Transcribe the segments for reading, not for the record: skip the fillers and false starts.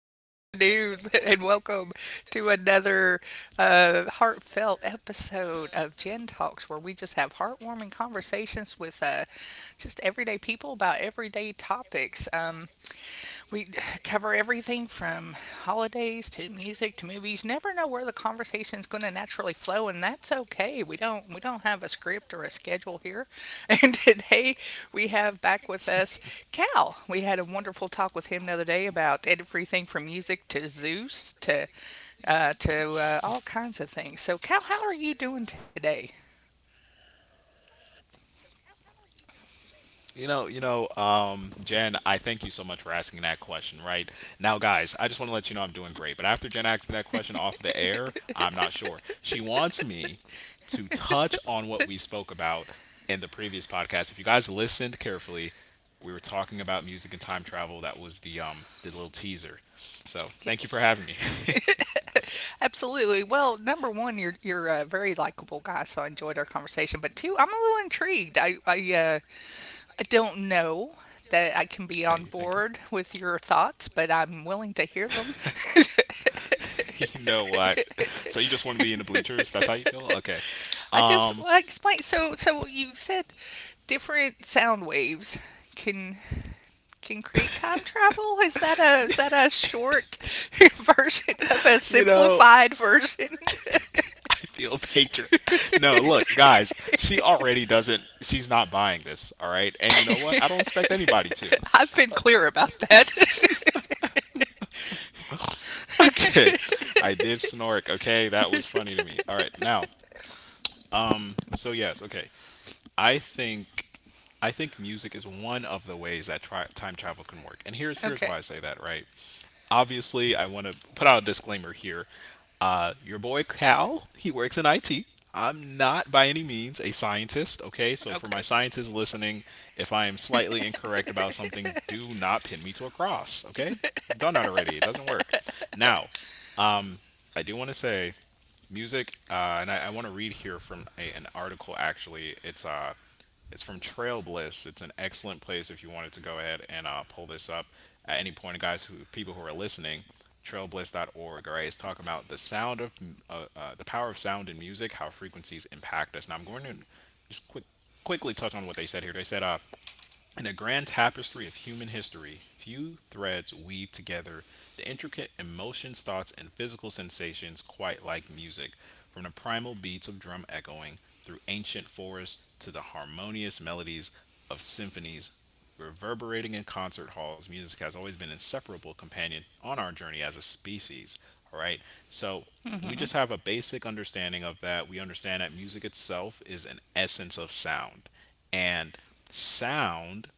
afternoon, and welcome to another heartfelt episode of Gen Talks, where we just have heartwarming conversations with just everyday people about everyday topics. We cover everything from holidays to music to movies. Never know where the conversation's going to naturally flow, and that's okay. We don't have a script or a schedule here. And today we have back with us Cal. We had a wonderful talk with him the other day about everything from music to Zeus to all kinds of things. So Cal, how are you doing today? Jen, I thank you so much for asking that question, right? Now, guys, I just want to let you know I'm doing great. But after Jen asked me that question off the air, I'm not sure. She wants me to touch on what we spoke about in the previous podcast. If you guys listened carefully, we were talking about music and time travel. That was the little teaser. So thank you for having me. Yes, absolutely. Well, number one, you're a very likable guy, so I enjoyed our conversation. But two, I'm a little intrigued. I don't know that I can be Thank you, on thank you. board with your thoughts, but I'm willing to hear them. You know what? So you just want to be in the bleachers? That's how you feel? Okay. I just well, explain. So you said different sound waves can can create time travel. Is that a short version of a You know, simplified version? version. I feel patron. No, look, guys, she already doesn't, she's not buying this, all right? And you know what? I don't expect anybody to. I've been clear about that. Okay. I did snork, okay? That was funny to me. All right, now, so yes, okay. I think I think music is one of the ways that time travel can work. And here's here's Okay. why I say that, right? Obviously, I want to put out a disclaimer here. Your boy Cal, he works in IT. I'm not by any means a scientist, okay? So for my Okay. scientists listening, if I am slightly incorrect about something, do not pin me to a cross, okay? Done that already. It doesn't work. Now, I do want to say music, and I want to read here from an article actually. It's from Trail Bliss. It's an excellent place if you wanted to go ahead and pull this up at any point, guys. Who People who are listening, trailbliss.org. All right, it's talking about the sound of the power of sound in music, how frequencies impact us. Now I'm going to just quick quickly touch on what they said here. They said in a grand tapestry of human history, few threads weave together the intricate emotions, thoughts, and physical sensations quite like music, from the primal beats of drum echoing through ancient forests to the harmonious melodies of symphonies reverberating in concert halls. Music has always been an inseparable companion on our journey as a species. All right. So we Hmm. just have a basic understanding of that. We understand that music itself is an essence of sound. And sound,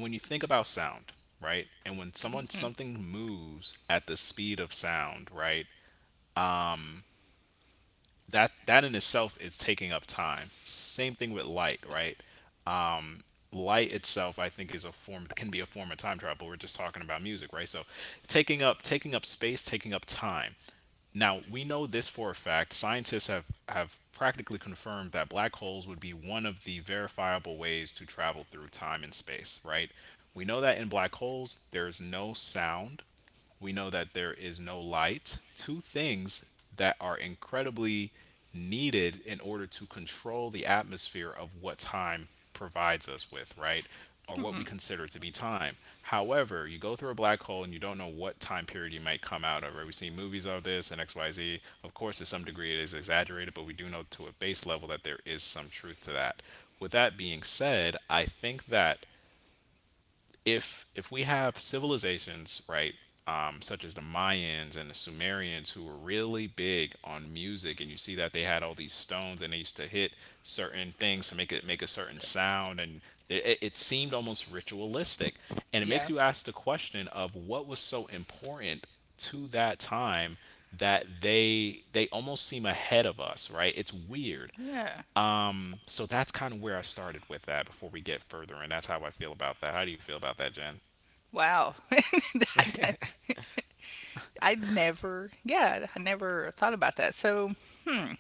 when you think about sound, right? And when someone something moves at the speed of sound, right? that in itself is taking up time. Same thing with light, right? Um, Light itself, I think, is a form can be a form of time travel. We're just talking about music, right? So, taking up space, taking up time. Now we know this for a fact. Scientists have practically confirmed that black holes would be one of the verifiable ways to travel through time and space, right? We know that in black holes, there's no sound, we know that there is no light. Two things that are incredibly needed in order to control the atmosphere of what time provides us with, right? Or what we consider to be time. However, you go through a black hole and you don't know what time period you might come out of. Right? We see movies of this and XYZ. Of course, to some degree, it is exaggerated, but we do know to a base level that there is some truth to that. With that being said, I think that if we have civilizations, right, such as the Mayans and the Sumerians, who were really big on music, and you see that they had all these stones and they used to hit certain things to make it make a certain sound, and it seemed almost ritualistic, and it Yeah. makes you ask the question of what was so important to that time that they almost seem ahead of us, right? It's weird. Yeah. So that's kind of where I started with that before we get further, and that's how I feel about that. How do you feel about that, Jen? Wow. I never thought about that. So, hmm,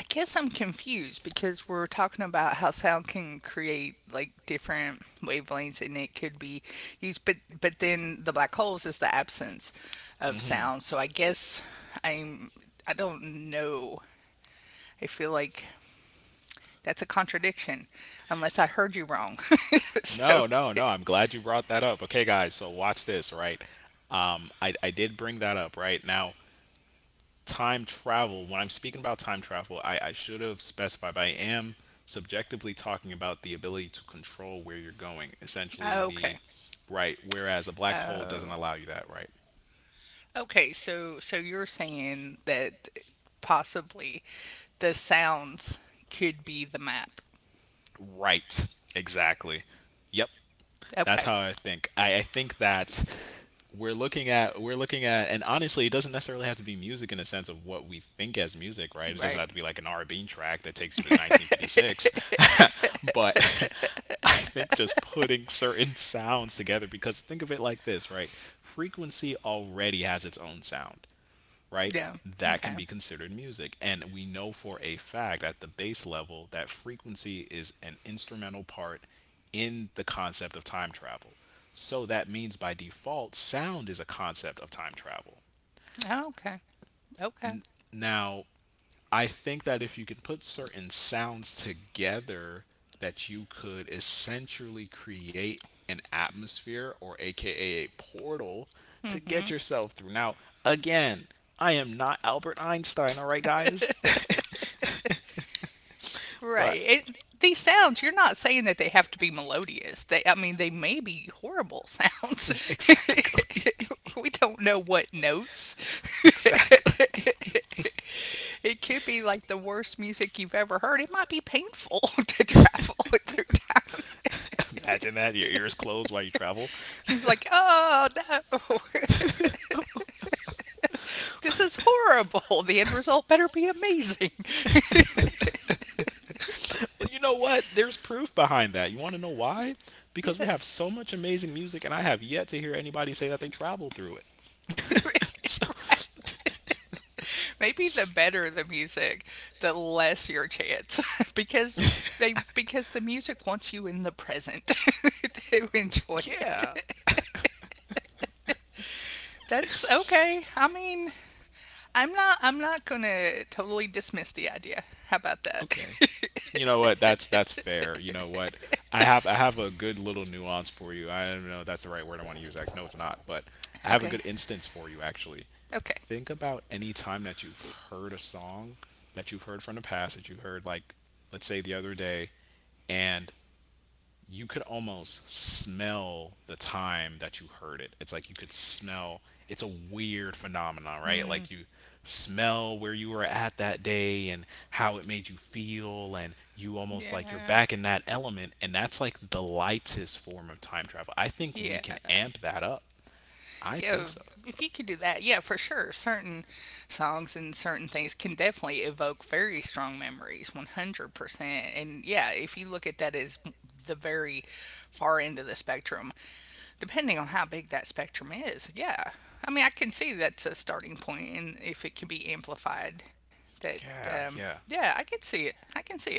I guess I'm confused because we're talking about how sound can create like different wavelengths and it could be used, but then the black holes is the absence of sound. So I guess I'm, I don't know. I feel like that's a contradiction unless I heard you wrong. So, No, no, no. I'm glad you brought that up. Okay, guys, so watch this, right? I did bring that up, right? Now, time travel, when I'm speaking about time travel, I should have specified, but I am subjectively talking about the ability to control where you're going, essentially the okay. right, whereas a black hole doesn't Oh. allow you that, right? Okay, so you're saying that possibly the sounds could be the map. Right, exactly. Yep. That's Okay, how I think. I think that we're looking at, and honestly it doesn't necessarily have to be music in the sense of what we think as music, right, it doesn't right. have to be like an r&b track that takes you to 1956. But I think just putting certain sounds together, because think of it like this, right, frequency already has its own sound, right? Yeah. That can Okay. be considered music. And we know for a fact at the bass level that frequency is an instrumental part in the concept of time travel. So that means by default, sound is a concept of time travel. Oh, okay. Okay. Now, I think that if you can put certain sounds together, that you could essentially create an atmosphere or aka a portal to get yourself through. Now, again, I am not Albert Einstein, all right, guys? Right. But It, these sounds, you're not saying that they have to be melodious. They, I mean, they may be horrible sounds. exactly, We don't know what notes. exactly. It could be like the worst music you've ever heard. It might be painful to travel through time. Imagine that your ears closed while you travel. He's like, oh no, this is horrible. The end result better be amazing. Well, you know what? There's proof behind that. You want to know why? Because we have Yes. so much amazing music, and I have yet to hear anybody say that they travel through it. So, Maybe the better the music, the less your chance because because the music wants you in the present to enjoy yeah, it. That's okay. I mean, I'm not going to totally dismiss the idea. How about that? okay. You know what? That's fair. You know what? I have a good little nuance for you. I don't know if that's the right word I want to use. Like, no, it's not. But I have a Okay. good instance for you actually. Okay. Think about any time that you've heard a song that you've heard from the past that you heard, like, let's say the other day, and you could almost smell the time that you heard it. It's like you could smell. It's a weird phenomenon, right? Like you smell where you were at that day and how it made you feel and you almost like you're Yeah. back in that element and that's like the lightest form of time travel. I think we Yeah. can amp that up. I think Yeah, so. if- you could do that, yeah, for sure. Certain songs and certain things can definitely evoke very strong memories, 100%. And yeah, if you look at that as the very far end of the spectrum, depending on how big that spectrum is, yeah. I mean, I can see that's a starting point, and if it can be amplified, that, Yeah, yeah. yeah, I can see it. I can see it.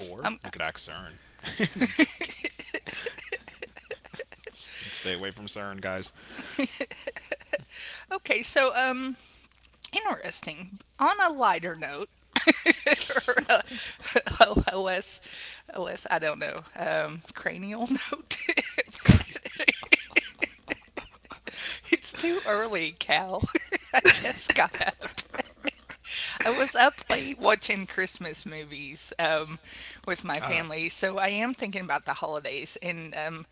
Or Um, we could act CERN. And I'm joking. Stay away from CERN, guys. okay, so, um, Interesting. On a lighter note, or a- a less, I don't know, cranial note. But it's too early, Cal. I just got up. I was up late watching Christmas movies with my Ah, family, so I am thinking about the holidays. And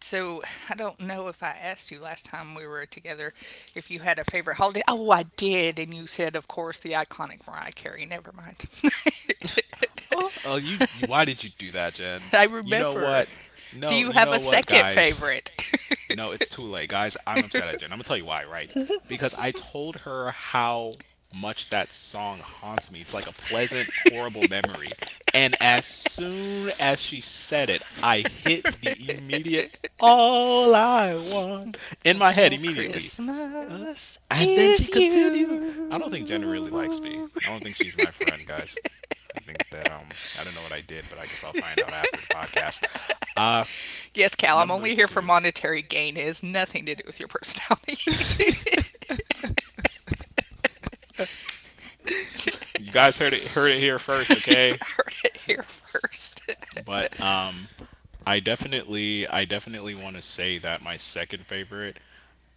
so I don't know if I asked you last time we were together if you had a favorite holiday. Oh, I did, and you said, of course, the iconic Mariah Carey. Never mind. You, why did you do that, Jen? I You know remember. what? Do No, you you have know a what, second guys? favorite? You know, it's too late, guys. I'm upset at Jen. I'm gonna tell you why, right? Because I told her how much that song haunts me. It's like a pleasant, horrible memory. And as soon as she said it, I hit the immediate all I want in my head For immediately. Christmas And then she is continued. I don't think Jenna really likes me. you. I don't think she's my friend, guys. I think that I don't know what I did, but I guess I'll find out after the podcast. Uh, Yes, Cal, I'm number only here for two. monetary gain. It has nothing to do with your personality. You guys heard it here first, You okay? heard it here first. But I definitely want to say that my second favorite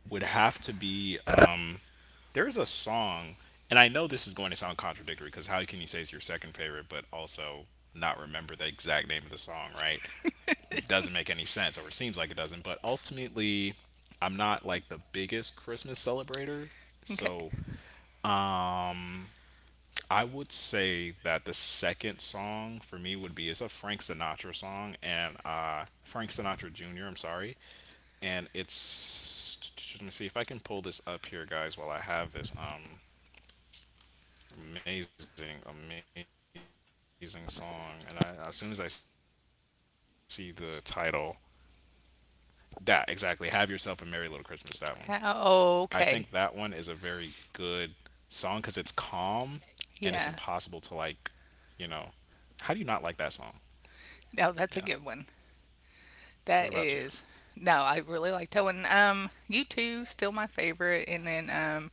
would have to be there's a song, and I know this is going to sound contradictory because how can you say it's your second favorite, but also not remember the exact name of the song, right? Doesn't make any sense, or it seems like it doesn't. But ultimately, I'm not like the biggest Christmas celebrator. Okay. So I would say that the second song for me would be, it's a Frank Sinatra song, and Frank Sinatra Jr., I'm sorry. And it's. Let me see if I can pull this up here, guys, while I have this. Amazing, amazing song. And I, as soon as I see the title, that exactly, Have Yourself a Merry Little Christmas, that one. I think that one is a very good How- song because okay. it's calm and it's impossible to, like, you know, Yeah. how do you not like that song? Yeah. No, that's a What good about you? one. That is. No, I really like that one. You two still my favorite, and then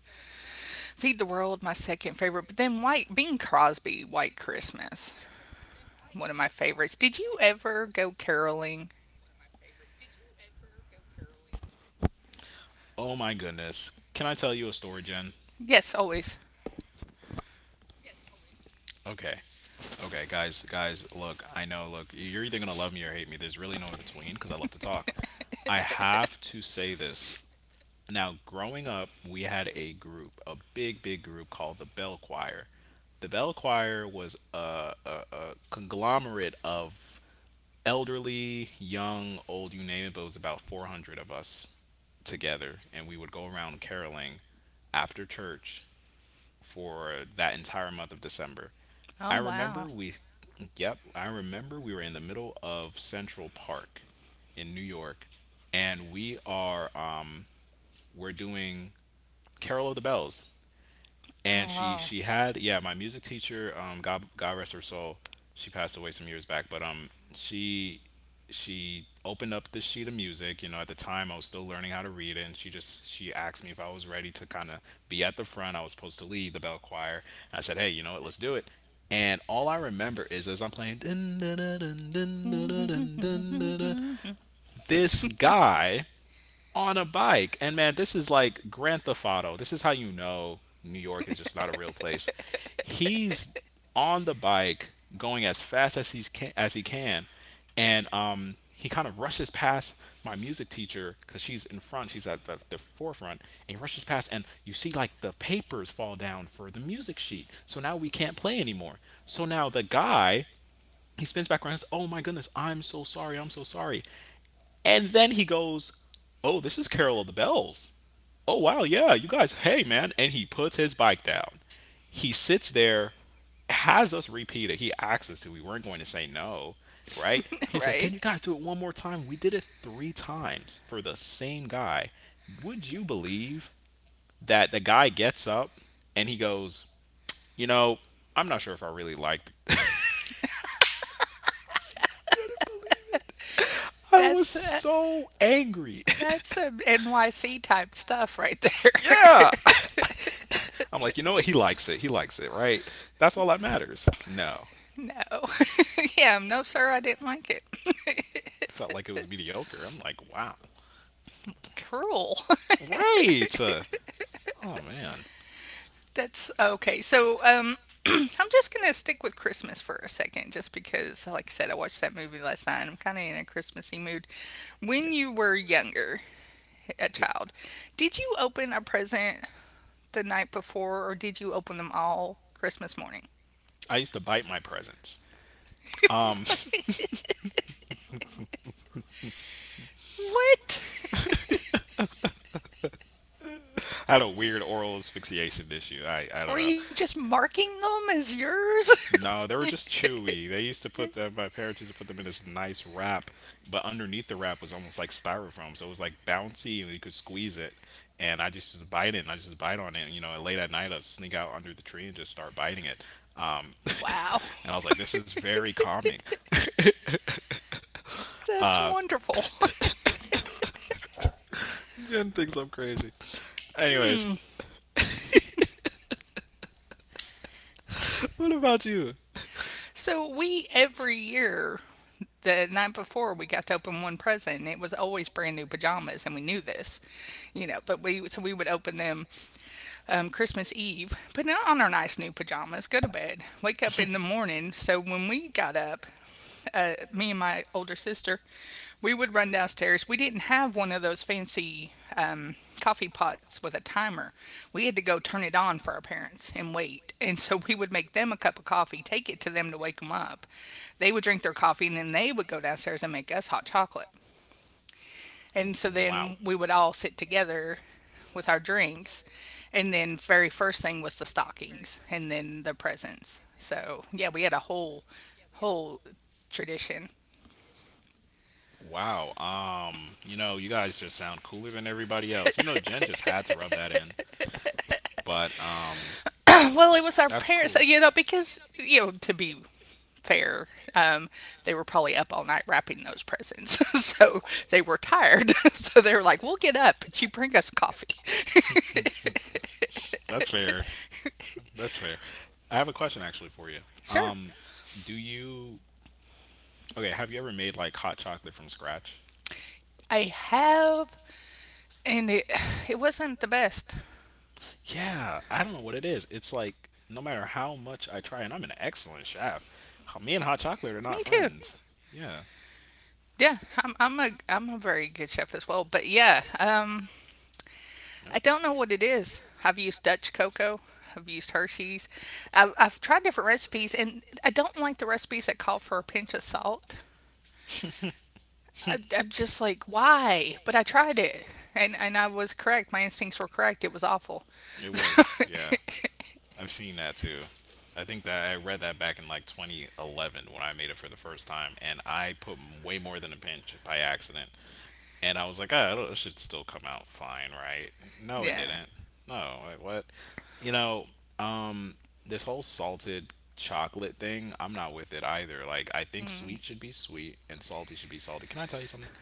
Feed the World my second favorite. But then White Bing Crosby, White Christmas, one of my favorites. Did you ever go caroling? Oh my goodness. Can I tell you a story, Jen? Yes, always. Okay. Okay, guys, guys, look, I know, look, you're either going to love me or hate me. There's really no in between because I love to talk. I have to say this. Now, growing up, we had a group, a big, big group called the Bell Choir. The Bell Choir was a conglomerate of elderly, young, old, you name it, but it was about 400 of us together. And we would go around caroling after church for that entire month of December. I Oh remember we, wow. yep, I remember we were in the middle of Central Park in New York, and we are we're doing Carol of the Bells. And she Oh. had, yeah, my music teacher, God rest her soul. She passed away some years back, but she she opened up this sheet of music, you know, at the time I was still learning how to read it, and she just she asked me if I was ready to kind of be at the front. I was supposed to lead the bell choir. And I said, "Hey, you know what? Let's do it." And all I remember is as I'm playing dun, dun, dun, dun, dun, dun, dun, dun, dun, dun, this guy on a bike. And man, this is like Grand Theft Auto. This is how you know New York is just not a real place. He's on the bike going as he can, and he kind of rushes past my music teacher because she's in front. She's at the forefront, and he rushes past, and you see like the papers fall down for the music sheet. So now we can't play anymore. So now the guy, he spins back around and says, "Oh my goodness, I'm so sorry, I'm so sorry." And then he goes, "Oh, this is Carol of the Bells. Oh, wow, yeah, you guys, hey, man." And he puts his bike down. He sits there, has us repeat it. He asked us to. We weren't going to say no, right? He said, "Can Right. you guys do it one more time?" We did it three times for the same guy. Would you believe that the guy gets up and he goes, "You know, I'm not sure if I really liked it." Couldn't believe it. I was That's uh, so angry. that's some NYC type stuff right there. yeah. I'm like, you know what? He likes it. He likes it, right? That's all that matters. No, No. Yeah, no sir, I didn't like it. it felt like it was mediocre. I'm like, wow, Cruel. right? Oh man, That's okay. So, I'm just going to stick with Christmas for a second just because like I said I watched that movie last night, and I'm kind of in a Christmassy mood. When yeah. you were younger, a Yeah. child, did you open a present the night before, or did you open them all Christmas morning? I used to bite my presents. Um, What? What? I had a weird oral asphyxiation issue. I don't know. Were you just marking them as yours? No, they were just chewy. They used to put them. My parents used to put them in this nice wrap, but underneath the wrap was almost like styrofoam, so it was like bouncy, and you could squeeze it. And I just used to bite it, and I just bite on it. And, you know, late at night, I'd sneak out under the tree and just start biting it. Wow. and I was like, "This is very calming." That's wonderful. Jen thinks I'm crazy. Anyways, what about you? So we every year the night before we got to open one present and it was always brand new pajamas and we knew this, you know, but we so we would open them Christmas Eve, put on our nice new pajamas, go to bed, wake up in the morning. So when we got up, me and my older sister, we would run downstairs. We didn't have one of those fancy coffee pots with a timer. We had to go turn it on for our parents and wait. And so we would make them a cup of coffee, take it to them to wake them up. They would drink their coffee, and then they would go downstairs and make us hot chocolate. And Wow. so then we would all sit together with our drinks. And then very first thing was the stockings and then the presents. So yeah, we had a whole whole tradition. Wow. You know, you guys just sound cooler than everybody else. You know, Jen just had to rub that in. But Well, it was our that's cool. parents, you know, because, you know, to be fair, um, they were probably up all night wrapping those presents. So they were tired. So they were like, we'll get up, but you bring us coffee. That's fair. That's fair. I have a question actually for you. Sure. Um, do you okay? Have you ever made like hot chocolate from scratch? I have, and it wasn't the best. Yeah, I don't know what it is. It's like no matter how much I try, and I'm an excellent chef. Me and hot chocolate are Me not too. friends. Yeah, Yeah, I'm a very good chef as well. But yeah, I yep, don't know what it is. I've used Dutch cocoa. I've used Hershey's. I've tried different recipes, and I don't like the recipes that call for a pinch of salt. I'm just like, why? But I tried it, and I was correct. My instincts were correct. It was awful. it So, was. Yeah, I've seen that too. I think that I read that back in like 2011 when I made it for the first time, and I put way more than a pinch by accident. And I was like, oh, it should still come out fine, right? No, it yeah. didn't. No, wait, what? You know, um, this whole salted chocolate thing, I'm not with it either. Like, I think sweet should be sweet and salty should be salty. Can I tell you something?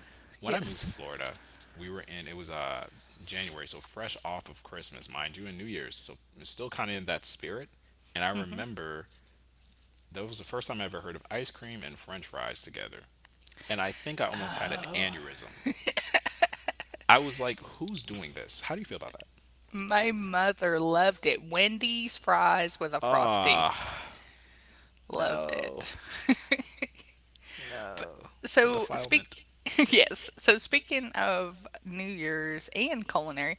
When I moved Yes. to Florida, we were in, it was January, so fresh off of Christmas, mind you, and New Year's. So it's still kind of in that spirit. And I remember that was the first time I ever heard of ice cream and french fries together. And I think I almost had an aneurysm. I was like, who's doing this? How do you feel about that? My mother loved it. Wendy's fries with a frosty. Ah, Loved no, it. no, the So defilement. speak Yes. yes. So speaking of New Year's and culinary,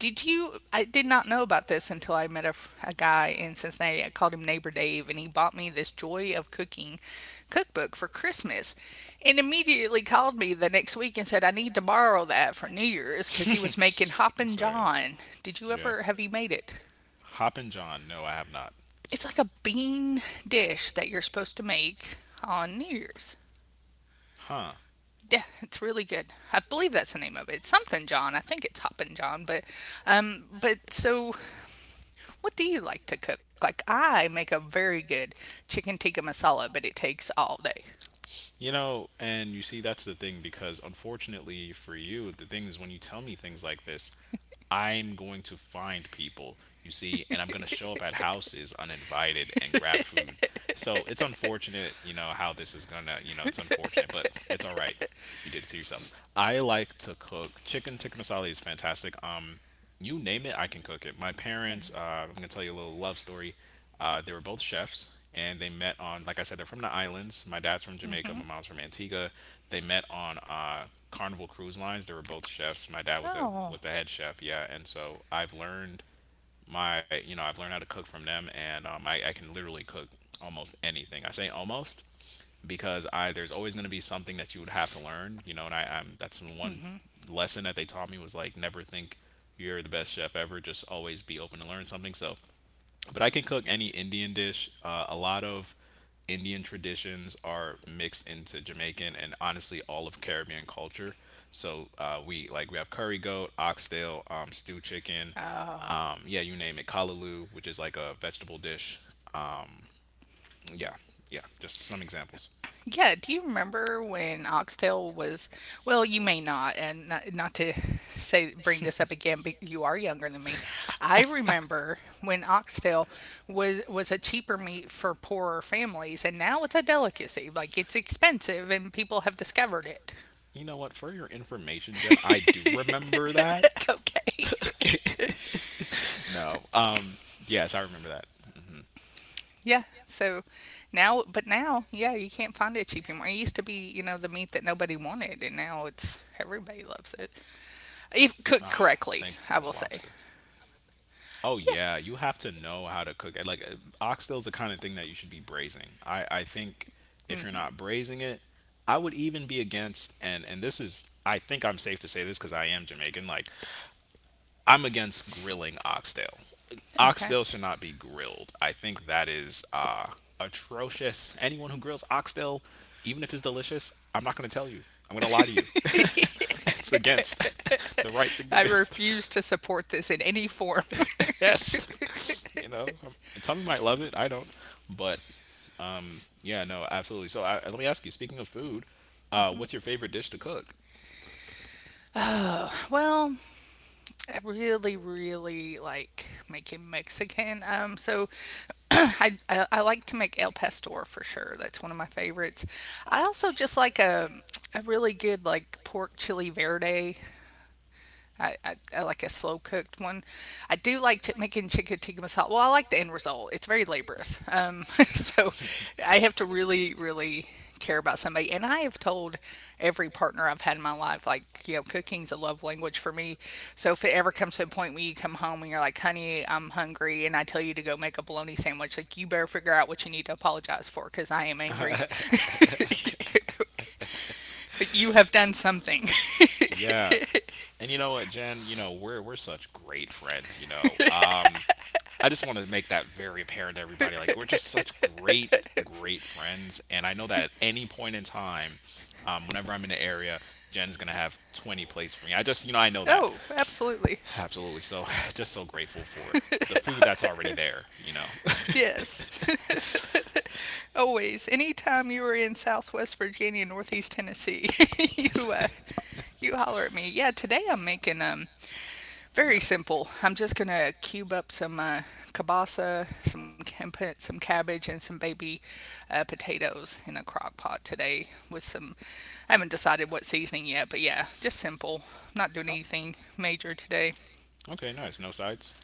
did you? I did not know about this until I met a guy in Cincinnati. I called him Neighbor Dave, and he bought me this Joy of Cooking cookbook for Christmas, and immediately called me the next week and said I need to borrow that for New Year's because he was making I'm Hoppin' serious. John. Did you Yeah. ever have you made it? Hop and John. No, I have not. It's like a bean dish that you're supposed to make on New Year's. Huh. Yeah, it's really good. I believe that's the name of it. It's something John. I think it's Hoppin' John. But so what do you like to cook? Like I make a very good chicken tikka masala, but it takes all day. You know, and you see, that's the thing, because unfortunately for you, the thing is when you tell me things like this, I'm going to find people, you see, and I'm going to show up at houses uninvited and grab food. So it's unfortunate, you know, how this is going to, you know, it's unfortunate, but it's all right. You did it to yourself. I like to cook. Chicken tikka masala is fantastic. You name it, I can cook it. My parents, I'm gonna tell you a little love story. They were both chefs, and they met on, like I said, they're from the islands. My dad's from Jamaica, my mom's from Antigua. They met on Carnival Cruise Lines. They were both chefs. My dad was a Oh, was the head chef, yeah. And so I've learned my, you know, I've learned how to cook from them, and I can literally cook almost anything. I say almost because I there's always going to be something that you would have to learn, you know. And I'm that's the one lesson that they taught me, was like never think you're the best chef ever. Just always be open to learn something. So, but I can cook any Indian dish. A lot of Indian traditions are mixed into Jamaican and honestly all of Caribbean culture. So we like we have curry goat, oxtail, stew chicken, oh. Yeah, you name it, kalaloo, which is like a vegetable dish. Yeah, yeah, just some examples. Yeah, do you remember when Oxtail was, well, you may not, and not to say bring this up again, but you are younger than me. I remember when Oxtail was a cheaper meat for poorer families, and now it's a delicacy. Like it's expensive, and people have discovered it. You know what? For your information, Jen, I do remember that. Okay. okay. no. Yes, I remember that. Yeah, so yeah, you can't find it cheap anymore. It used to be, you know, the meat that nobody wanted, and now it's everybody loves it if cooked Ah, correctly. same thing I with will say. lobster. Oh Yeah. yeah, you have to know how to cook it. Like oxtail's the kind of thing that you should be braising. I think if you're not braising it, I would even be against, and this is I think I'm safe to say this because I am Jamaican. Like I'm against grilling oxtail. Okay. Oxtail should not be grilled. I think that is atrocious. Anyone who grills oxtail, even if it's delicious, I'm not going to tell you. I'm going to lie to you. it's against the right thing to I do. refuse to support this in any form. yes. You know, Tommy might love it. I don't. But hmm, yeah, no, absolutely. So I, let me ask you. Speaking of food, what's your favorite dish to cook? Well, I really, really like making Mexican. So I like to make El Pastor for sure. That's one of my favorites. Oh, I also delicious. just like a really good like pork chili verde, I like a slow cooked one. I do like ch- making chicken tikka masala. Well, I like the end result. It's very laborious. So Yeah. I have to really, really care about somebody. And I have told every partner I've had in my life, like, you know, cooking's a love language for me. So if it ever comes to a point where you come home and you're like, honey, I'm hungry, and I tell you to go make a bologna sandwich, like, you better figure out what you need to apologize for because I am angry. You have done something. yeah. And you know what, Jen? You know, we're such great friends, you know. I just want to make that very apparent to everybody. Like we're just such great, great friends, and I know that at any point in time, whenever I'm in the area, Jen's gonna have 20 plates for me. I just, you know, I know that. Oh, absolutely. Absolutely. So just so grateful for the food that's already there, you know. Yes. Always, anytime you were in Southwest Virginia, Northeast Tennessee, you you holler at me. Yeah, today I'm making very yeah. simple. I'm just gonna cube up some kielbasa, some cabbage, and some baby potatoes in a crock pot today with some. I haven't decided what seasoning yet, but yeah, just simple. Not doing Oh, anything major today. okay, nice. No sides?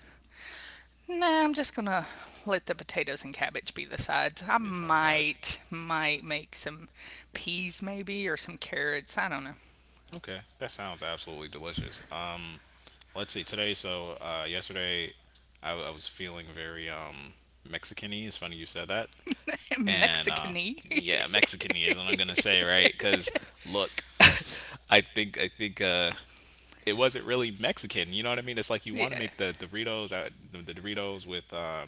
Nah, I'm just gonna let the potatoes and cabbage be the sides. I Yes, I I've got it. Might make some peas maybe or some carrots. I don't know. Okay, that sounds absolutely delicious. Let's see. Today, so yesterday, I was feeling very Mexican-y. It's funny you said that. And Mexicany. yeah, Mexicanism. I'm gonna say right, because look, I think it wasn't really Mexican. You know what I mean? It's like you want to yeah. make the Doritos out the Doritos with.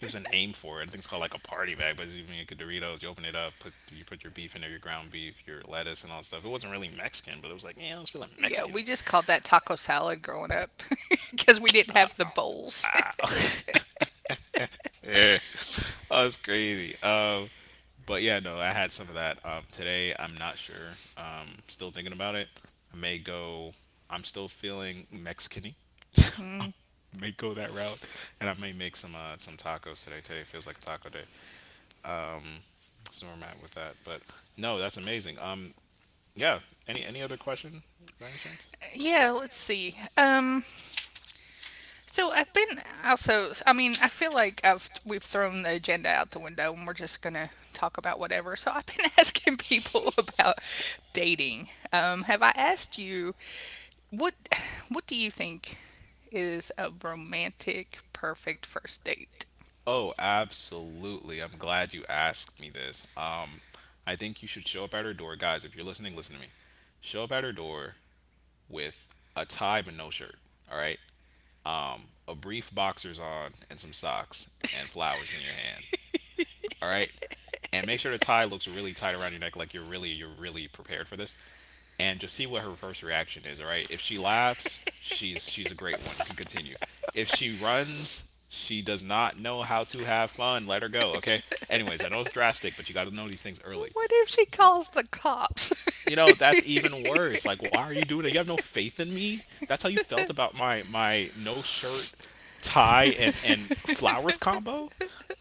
There's a name for it. I think it's called like a party bag, but you make a Doritos, you open it up, put you put your beef in there, your ground beef, your lettuce, and all that stuff. It wasn't really Mexican, but it was like, yeah, I was feeling Yeah, Mexican. we just called that taco salad growing up because we didn't have the bowls. Wow. Yeah. Oh, it's crazy. But yeah, no, I had some of that. Today, I'm not sure. Still thinking about it. I may go. I'm still feeling Mexican-y. I may go that route, and I may make some tacos today. Today feels like a taco day. So where I'm at with that. But no, that's amazing. Yeah. Any other question by any chance? Yeah, let's see. So I've been also. I feel like I've we've thrown the agenda out the window and we're just gonna talk about whatever. So I've been asking people about dating. Have I asked you? What what do you think is a romantic perfect first date? Oh, absolutely. I'm glad you asked me this. I think you should show up at her door, guys. If you're listening, listen to me. Show up at her door with a tie but no shirt. All right, a brief boxers on and some socks and flowers in your hand. All right. And make sure the tie looks really tight around your neck, like you're really prepared for this. And just see what her first reaction is. All right. If she laughs, she's a great one. You can continue. If she runs, she does not know how to have fun. Let her go. Okay. Anyways, I know it's drastic, but you got to know these things early. What if she calls the cops? You know that's even worse. Like, why are you doing it? You have no faith in me. That's how you felt about my no shirt, tie, and flowers combo.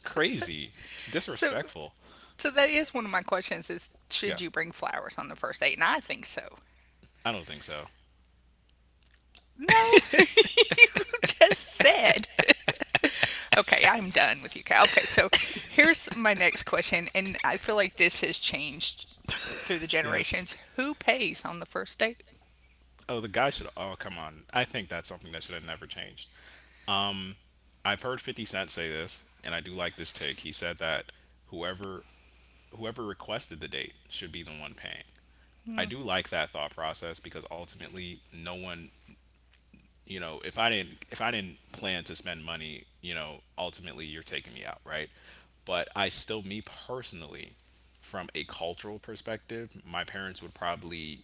Crazy, so disrespectful. so that is one of my questions: is should Yeah, you bring flowers on the first date? And I think so. don't think so. No. You just said. Okay, I'm done with you, Kyle. Okay, so here's my next question, and I feel like this has changed through the Yes. generations. Who pays on the first date? Oh, the guy should. Oh, come on. I think that's something that should have never changed. I've heard 50 Cent say this, and I do like this take. He said that whoever whoever requested the date should be the one paying. I do like that thought process because ultimately no one. If I didn't plan to spend money, ultimately you're taking me out, right? But I still, me personally, from a cultural perspective, my parents would probably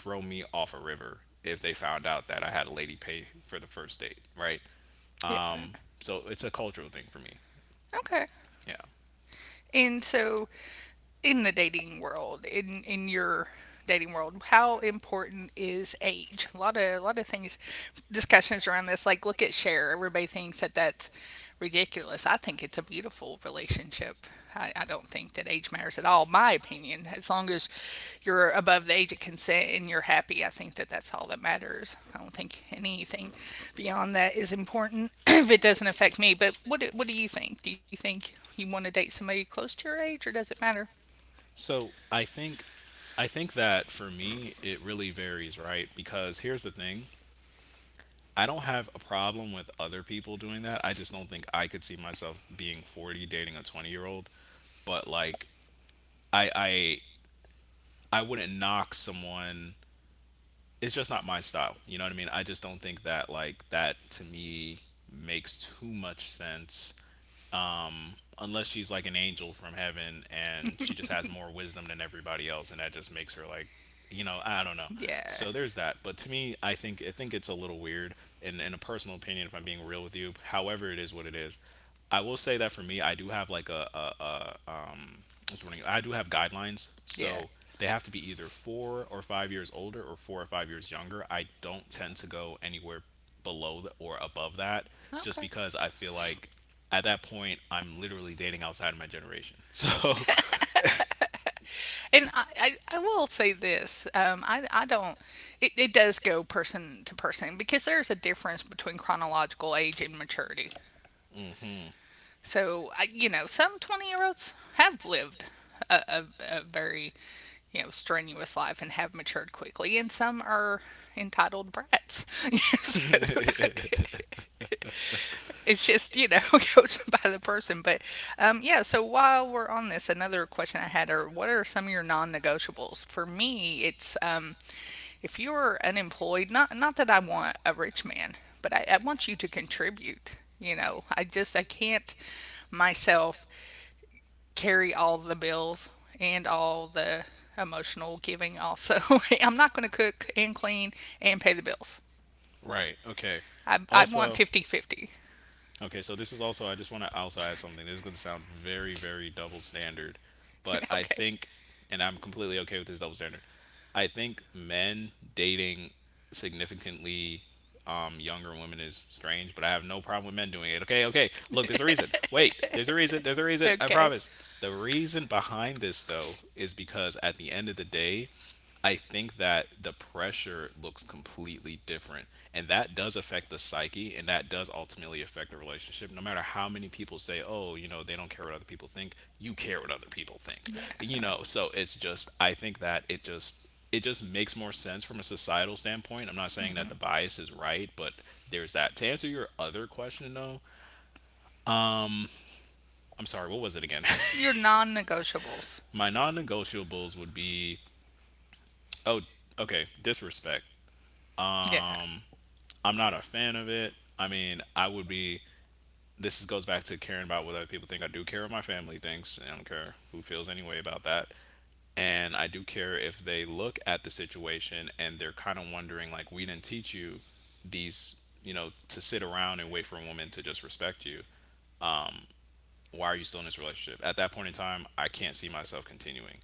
throw me off a river if they found out that I had a lady pay for the first date, right? Yeah. So it's a cultural thing for me. Okay. Yeah. And so in the dating world, in your dating world, how important is age? A lot of things, discussions around this. Like look at Cher. Everybody thinks that that's ridiculous. I think it's a beautiful relationship. I don't think that age matters at all. My opinion, as long as you're above the age of consent and you're happy, I think that that's all that matters. I don't think anything beyond that is important if it doesn't affect me. But what do you think? Do you think you want to date somebody close to your age, or does it matter? So I think that for me it really varies, right? Because here's the thing, I don't have a problem with other people doing that. I just don't think I could see myself being 40 dating a 20-year-old. But like, I, I, I wouldn't knock someone. It's just not my style. You know what I mean? I just don't think that, like, that to me makes too much sense, unless she's like an angel from heaven and she just has more wisdom than everybody else, and that just makes her like, you know, I don't know. Yeah. So there's that. But to me, I think it's a little weird, in a personal opinion, if I'm being real with you. However, it is what it is. I will say that for me, I do have like a what's the word? I do have guidelines, Yeah. so they have to be either 4 or 5 years older or 4 or 5 years younger. I don't tend to go anywhere or above that, just Okay. because I feel like at that point I'm literally dating outside of my generation, so. And I will say this. I don't, it does go person to person because there's a difference between chronological age and maturity. mhm. So, I, you know, some 20-year-olds have lived a very, you know, strenuous life and have matured quickly, and some are entitled brats. So, it's just, you know, goes by the person. But yeah, so while we're on this, another question I had are: what are some of your non-negotiables? For me it's, if you're unemployed. Not that I want a rich man, but I want you to contribute. You know, I just I can't myself carry all the bills and all the emotional giving also. I'm not going to cook and clean and pay the bills. Right. Okay. I want Also, 50-50. okay. So this is also. I just want to also add something. This is going to sound very, very double standard, 50 but I okay think, and I'm completely okay with this double standard. I think men dating significantly younger women is strange, but I have no problem with men doing it. Okay. Okay. Look, there's a reason. Wait. There's a reason. There's a reason. I okay. promise. The reason behind this though is because at the end of the day, I think that the pressure looks completely different. And that does affect the psyche and that does ultimately affect the relationship. No matter how many people say, oh, you know, they don't care what other people think, you care what other people think. Yeah. You know, so it's just, I think that it just makes more sense from a societal standpoint. I'm not saying that the bias is right, but there's that. To answer your other question, though, I'm sorry, what was it again? Your non negotiables. My non negotiables would be, oh, okay, disrespect. Yeah. I'm not a fan of it. I mean, I would be. This goes back to caring about what other people think. I do care what my family thinks. I don't care who feels anyway about that. And I do care if they look at the situation and they're kind of wondering, like, we didn't teach you these, you know, to sit around and wait for a woman to just respect you. Why are you still in this relationship? At that point in time, I can't see myself continuing.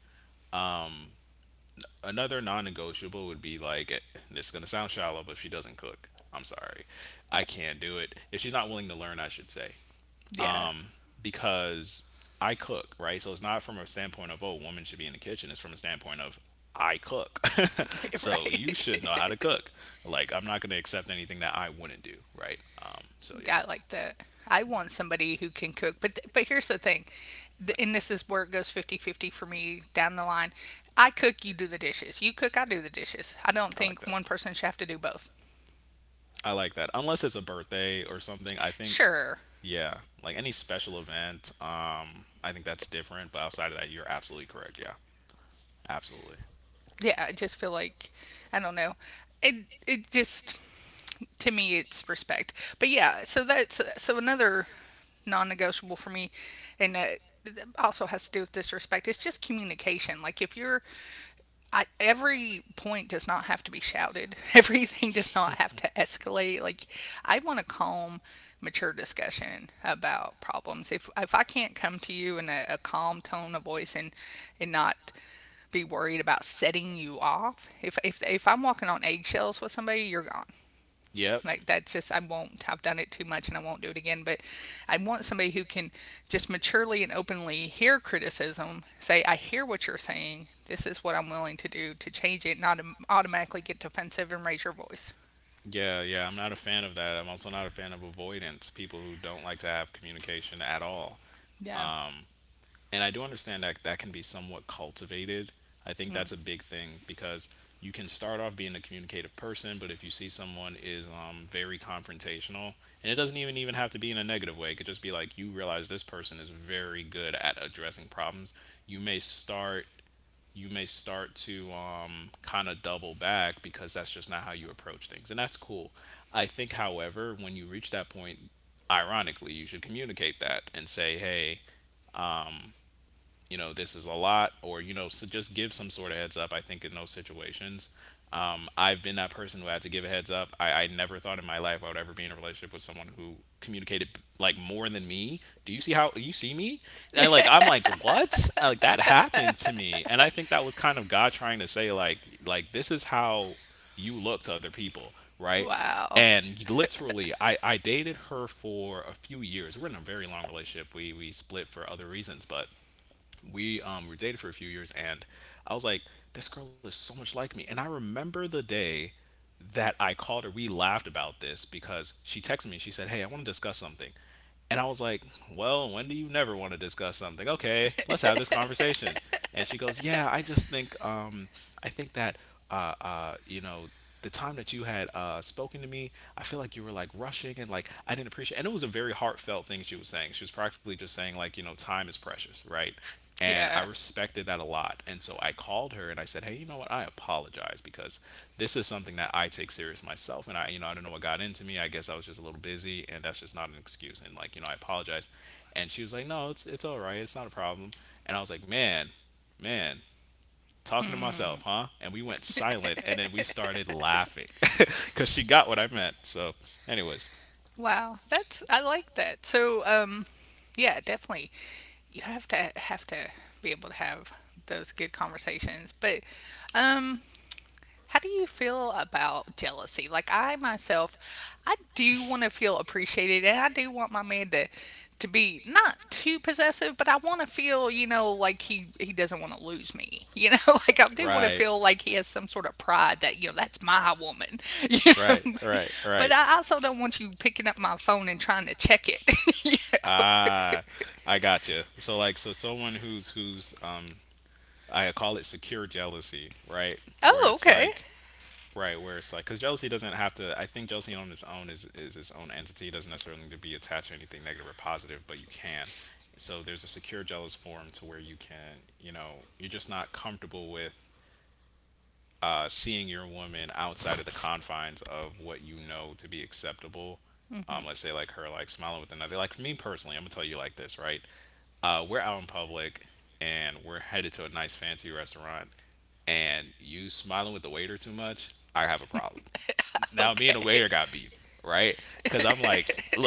Another non negotiable would be like, eh, this is going to sound shallow, but if she doesn't cook, I'm sorry. I can't do it. If she's not willing to learn, I should say. Yeah. Because I cook, right? So it's not from a standpoint of, oh, women should be in the kitchen. It's from a standpoint of, I cook. so you should know how Right. to cook. Like, I'm not going to accept anything that I wouldn't do, right? So yeah, I like that. I want somebody who can cook. But but here's the thing. Th- right. And this is where it goes 50-50 for me down the line. I cook, you do the dishes. You cook, I do the dishes. I don't I like think that. one person should have to do both. I like that. Unless it's a birthday or something, I think, Sure. yeah, like any special event, I think that's different. But outside of that, you're absolutely correct. Yeah, absolutely. Yeah, I just feel like, I don't know. It just, to me it's respect. But yeah, so that's, so another non-negotiable for me, and it also has to do with disrespect. It's just communication. Like if you're, I, every point does not have to be shouted. Everything does not have to escalate. Like I want a calm, mature discussion about problems. If I can't come to you in a calm tone of voice and not be worried about setting you off, if I'm walking on eggshells with somebody, you're gone. Yep. Like that's just, I won't. I've done it too much and I won't do it again. But I want somebody who can just maturely and openly hear criticism, say, I hear what you're saying. This is what I'm willing to do to change it, not automatically get defensive and raise your voice. Yeah, yeah, I'm not a fan of that. I'm also not a fan of avoidance, people who don't like to have communication at all. Yeah. Um, and I do understand that that can be somewhat cultivated. I think that's a big thing because you can start off being a communicative person, but if you see someone is very confrontational, and it doesn't even have to be in a negative way, it could just be like you realize this person is very good at addressing problems. You may start you may start to kind of double back because that's just not how you approach things. And that's cool. I think, however, when you reach that point, ironically, you should communicate that and say, hey, um, you know, this is a lot, or, you know, so just give some sort of heads up, I think, in those situations. I've been that person who had to give a heads up. I never thought in my life I would ever be in a relationship with someone who communicated like more than me. Do you see how you see me? I like I'm like what? Like that happened to me, and I think that was kind of God trying to say like this is how you look to other people, right? Wow. And literally, I dated her for a few years. We were in a very long relationship. We split for other reasons, but we were dated for a few years and I was like, this girl is so much like me. And I remember the day that I called her, we laughed about this because she texted me. She said, "Hey, I want to discuss something." And I was like, "Well, when do you never want to discuss something? Okay, let's have this conversation." And she goes, "Yeah, I just think, I think that, you know, the time that you had spoken to me, I feel like you were like rushing and like I didn't appreciate." And it was a very heartfelt thing she was saying. She was practically just saying like, you know, time is precious, right? And I Yeah. respected that a lot. And so I called her and I said, "Hey, you know what? I apologize because this is something that I take serious myself. And I, you know, I don't know what got into me. I guess I was just a little busy and that's just not an excuse. And like, you know, I apologize." And she was like, "No, it's all right, it's not a problem." And I was like, man, talking to myself, huh? And we went silent and then we started laughing. Cause she got what I meant. So anyways, Wow. That's, I like that. So um, yeah, definitely. You have to be able to have those good conversations. But um, how do you feel about jealousy? Like I myself, I do want to feel appreciated, and I do want my man to be not too possessive, but I want to feel, you know, like he doesn't want to lose me. You know, like I do want to feel like he has some sort of pride that, you know, that's my woman. You right, know, but right. I also don't want you picking up my phone and trying to check it. You know? Ah, I gotcha. So like, so someone who's I call it secure jealousy, right? Where Oh, okay. right, where it's like, because jealousy doesn't have to. I think jealousy on its own is its own entity. It doesn't necessarily need to be attached to anything negative or positive, but you can. So there's a secure jealous form to where you can, you know, you're just not comfortable with seeing your woman outside of the confines of what you know to be acceptable. Let's say like her like smiling with another. Like for me personally, I'm gonna tell you like this, right? We're out in public and we're headed to a nice fancy restaurant, and you smiling with the waiter too much. I have a problem. Now me and the waiter got Okay. beef, right? Because I'm like, look,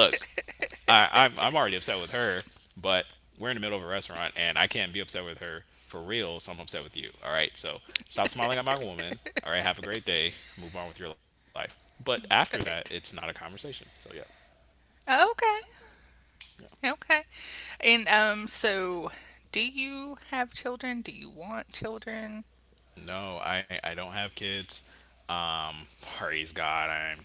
I'm already upset with her, but we're in the middle of a restaurant and I can't be upset with her for real, so I'm upset with you. All right. So stop smiling at my woman. All right. Have a great day. Move on with your life. But after that, it's not a Right. conversation. So yeah. Okay. Yeah. Okay. And so do you have children? Do you want children? No, I don't have kids. Um, praise God, I'm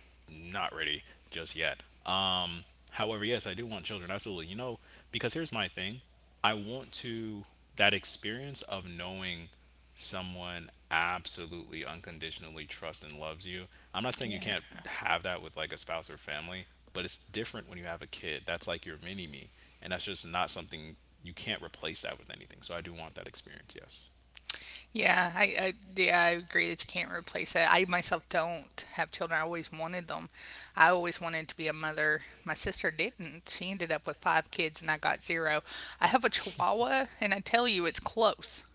not ready just yet. Um, however, yes, I do want children, absolutely. You know, because here's my thing I want to, that experience of knowing someone absolutely unconditionally trusts and loves you. I'm not saying you Yeah. can't have that with like a spouse or family, but it's different when you have a kid. That's like your mini me. And that's just not something you can't replace that with anything. So I do want that experience, yes. Yeah, I yeah, I agree that you can't replace that. I myself don't have children. I always wanted them. I always wanted to be a mother. My sister didn't. She ended up with five kids and I got zero. I have a chihuahua and I tell you it's close.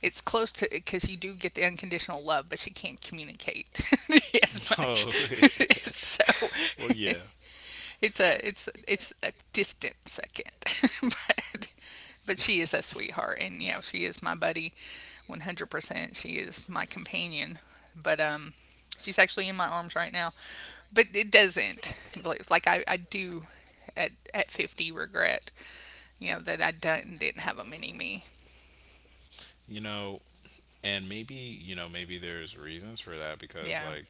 It's close to, because you do get the unconditional love, but she can't communicate as But she much. can't communicate. So Oh, well, yeah. it's a it's a distant second, but but she is a sweetheart, and you know she is my buddy, 100%. She is my companion, but she's actually in my arms right now, but it Oh, doesn't, okay. like I do at 50 regret, you know, that I didn't have a mini me. You know, and maybe, you know, maybe there's reasons for that because, Yeah. like,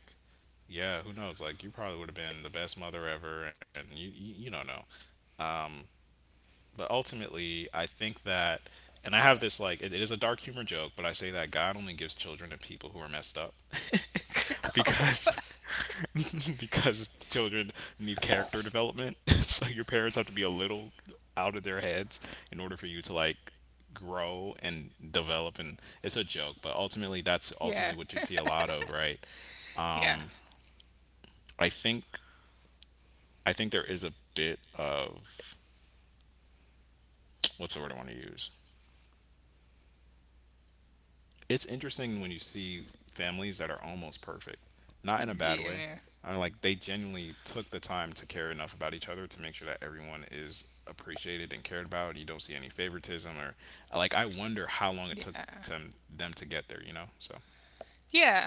yeah. Yeah, who knows? Like, you probably would have been the best mother ever, and you don't know. Um, but ultimately, I think that, and I have this like, it is a dark humor joke, but I say that God only gives children to people who are messed up, Oh because because children need character development. So your parents have to be a little out of their heads in order for you to like grow and develop, and it's a joke, but ultimately that's yeah ultimately what you see a lot of, right? yeah I think i think there is a bit of, what's the word I want to use, it's interesting when you see families that are almost perfect, not in a bad way. yeah I mean, like they genuinely took the time to care enough about each other to make sure that everyone is appreciated and cared about. You don't see any favoritism or like. I wonder how long it took yeah them to get there. You know, so yeah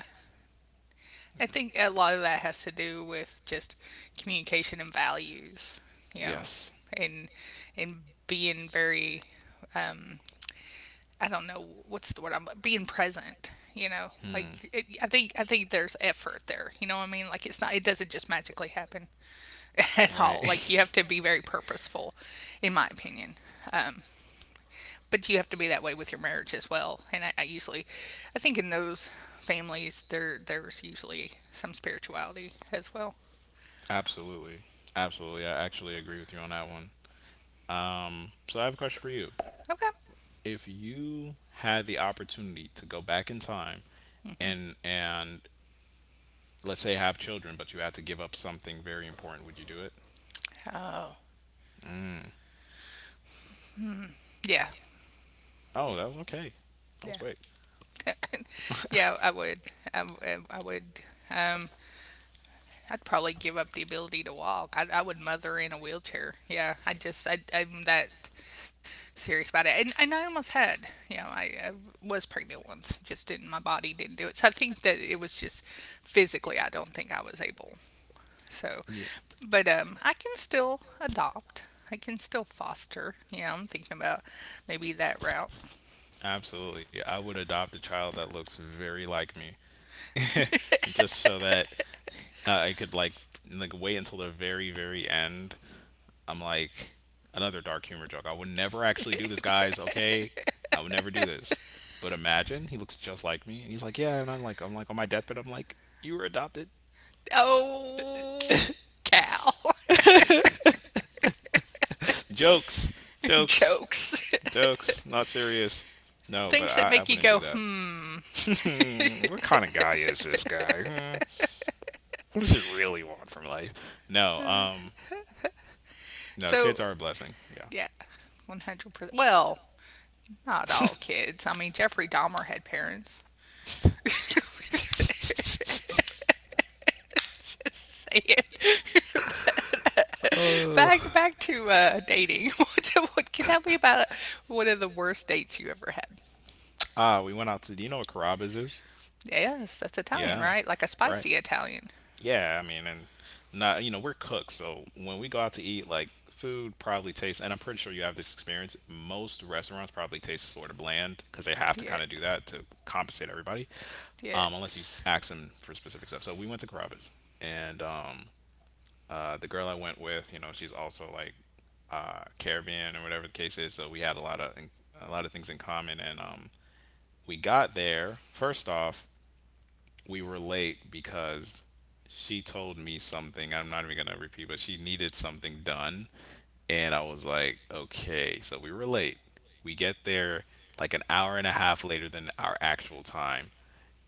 I think yeah. a lot of that has to do with just communication and values, you know, Yes, and and being very, um, I don't know, what's the word, I'm being present. You know, like it, I think there's effort there, you know what I mean? Like it's not, it doesn't just magically happen at all. right, Like you have to be very purposeful, in my opinion. But you have to be that way with your marriage as well. And I usually, I think in those families there's usually some spirituality as well. absolutely, absolutely. I actually agree with you on that one. So I have a question for you. Okay. If you had the opportunity to go back in time and let's say have children, but you had to give up something very important, would you do it? Oh, Mm. yeah, Oh, that was okay. That was yeah, great. yeah. I would, I would. Um, I'd probably give up the ability to walk. I would mother in a wheelchair. Yeah, I just, I'm that serious about it. And I almost had, you know, I was pregnant once. Just didn't, my body didn't do it. So I think that it was just physically. I don't think I was able. So, Yeah. but I can still adopt. I can still foster. Yeah, I'm thinking about maybe that route. Absolutely. I would adopt a child that looks very like me, just so that I could like wait until the very very end. I'm like another dark humor joke. I would never actually do this, guys. Okay, I would never do this. But imagine he looks just like me, and he's like, yeah, and I'm like on my deathbed, I'm like, you were adopted. Oh, cow. Jokes, jokes. Jokes, Jokes, not serious. No, but things that I make you wouldn't go, do that. hmm. What kind of guy is this guy? Hmm. What does he really want from life? No, no, kids So, are a blessing. Yeah. yeah, 100%. Well, not all kids. I mean, Jeffrey Dahmer had parents. Just say it. But, Uh, back to dating. What, can tell me about one of the worst dates you ever had? We went out to. Do you know what Carrabba's is? Yes, that's Italian, Yeah. right? Like a Right. spicy Italian. Yeah, I mean, and not we're cooks, so when we go out to eat, like food probably tastes, and I'm pretty sure you have this experience. Most restaurants probably taste sort of bland because they have to Yeah. kind of do that to compensate everybody, unless you Yes. ask them for specific stuff. So we went to Carrabba's, and the girl I went with, she's also like Caribbean or whatever the case is. So we had a lot of things in common, and we got there. First off, we were late because she told me something. I'm not even gonna repeat, but she needed something done, and I was like, okay. So we were late. We get there like an hour and a half later than our actual time,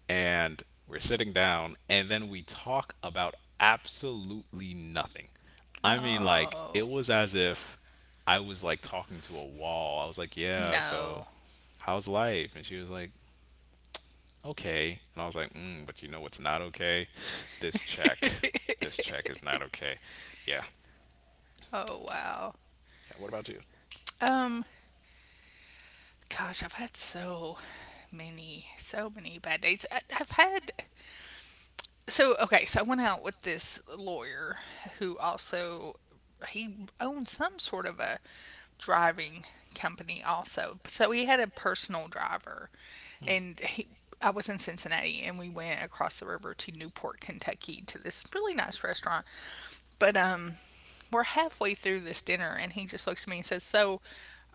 and we're sitting down, and then we talk about absolutely nothing. I mean, like Oh it was as if I was like talking to a wall. I was like, yeah, so no. how's life? And she was like, okay. And I was like, mm, but you know what's not okay? This check. This check is not okay. Yeah. Oh wow. Yeah. What about you? Um, gosh, I've had so many, so many bad dates. I've had so, okay. So I went out with this lawyer who also, he owned some sort of a driving company also. So he had a personal driver, Hmm. and he, I was in Cincinnati and we went across the river to Newport, Kentucky to this really nice restaurant. But um, we're halfway through this dinner and he just looks at me and says, "So,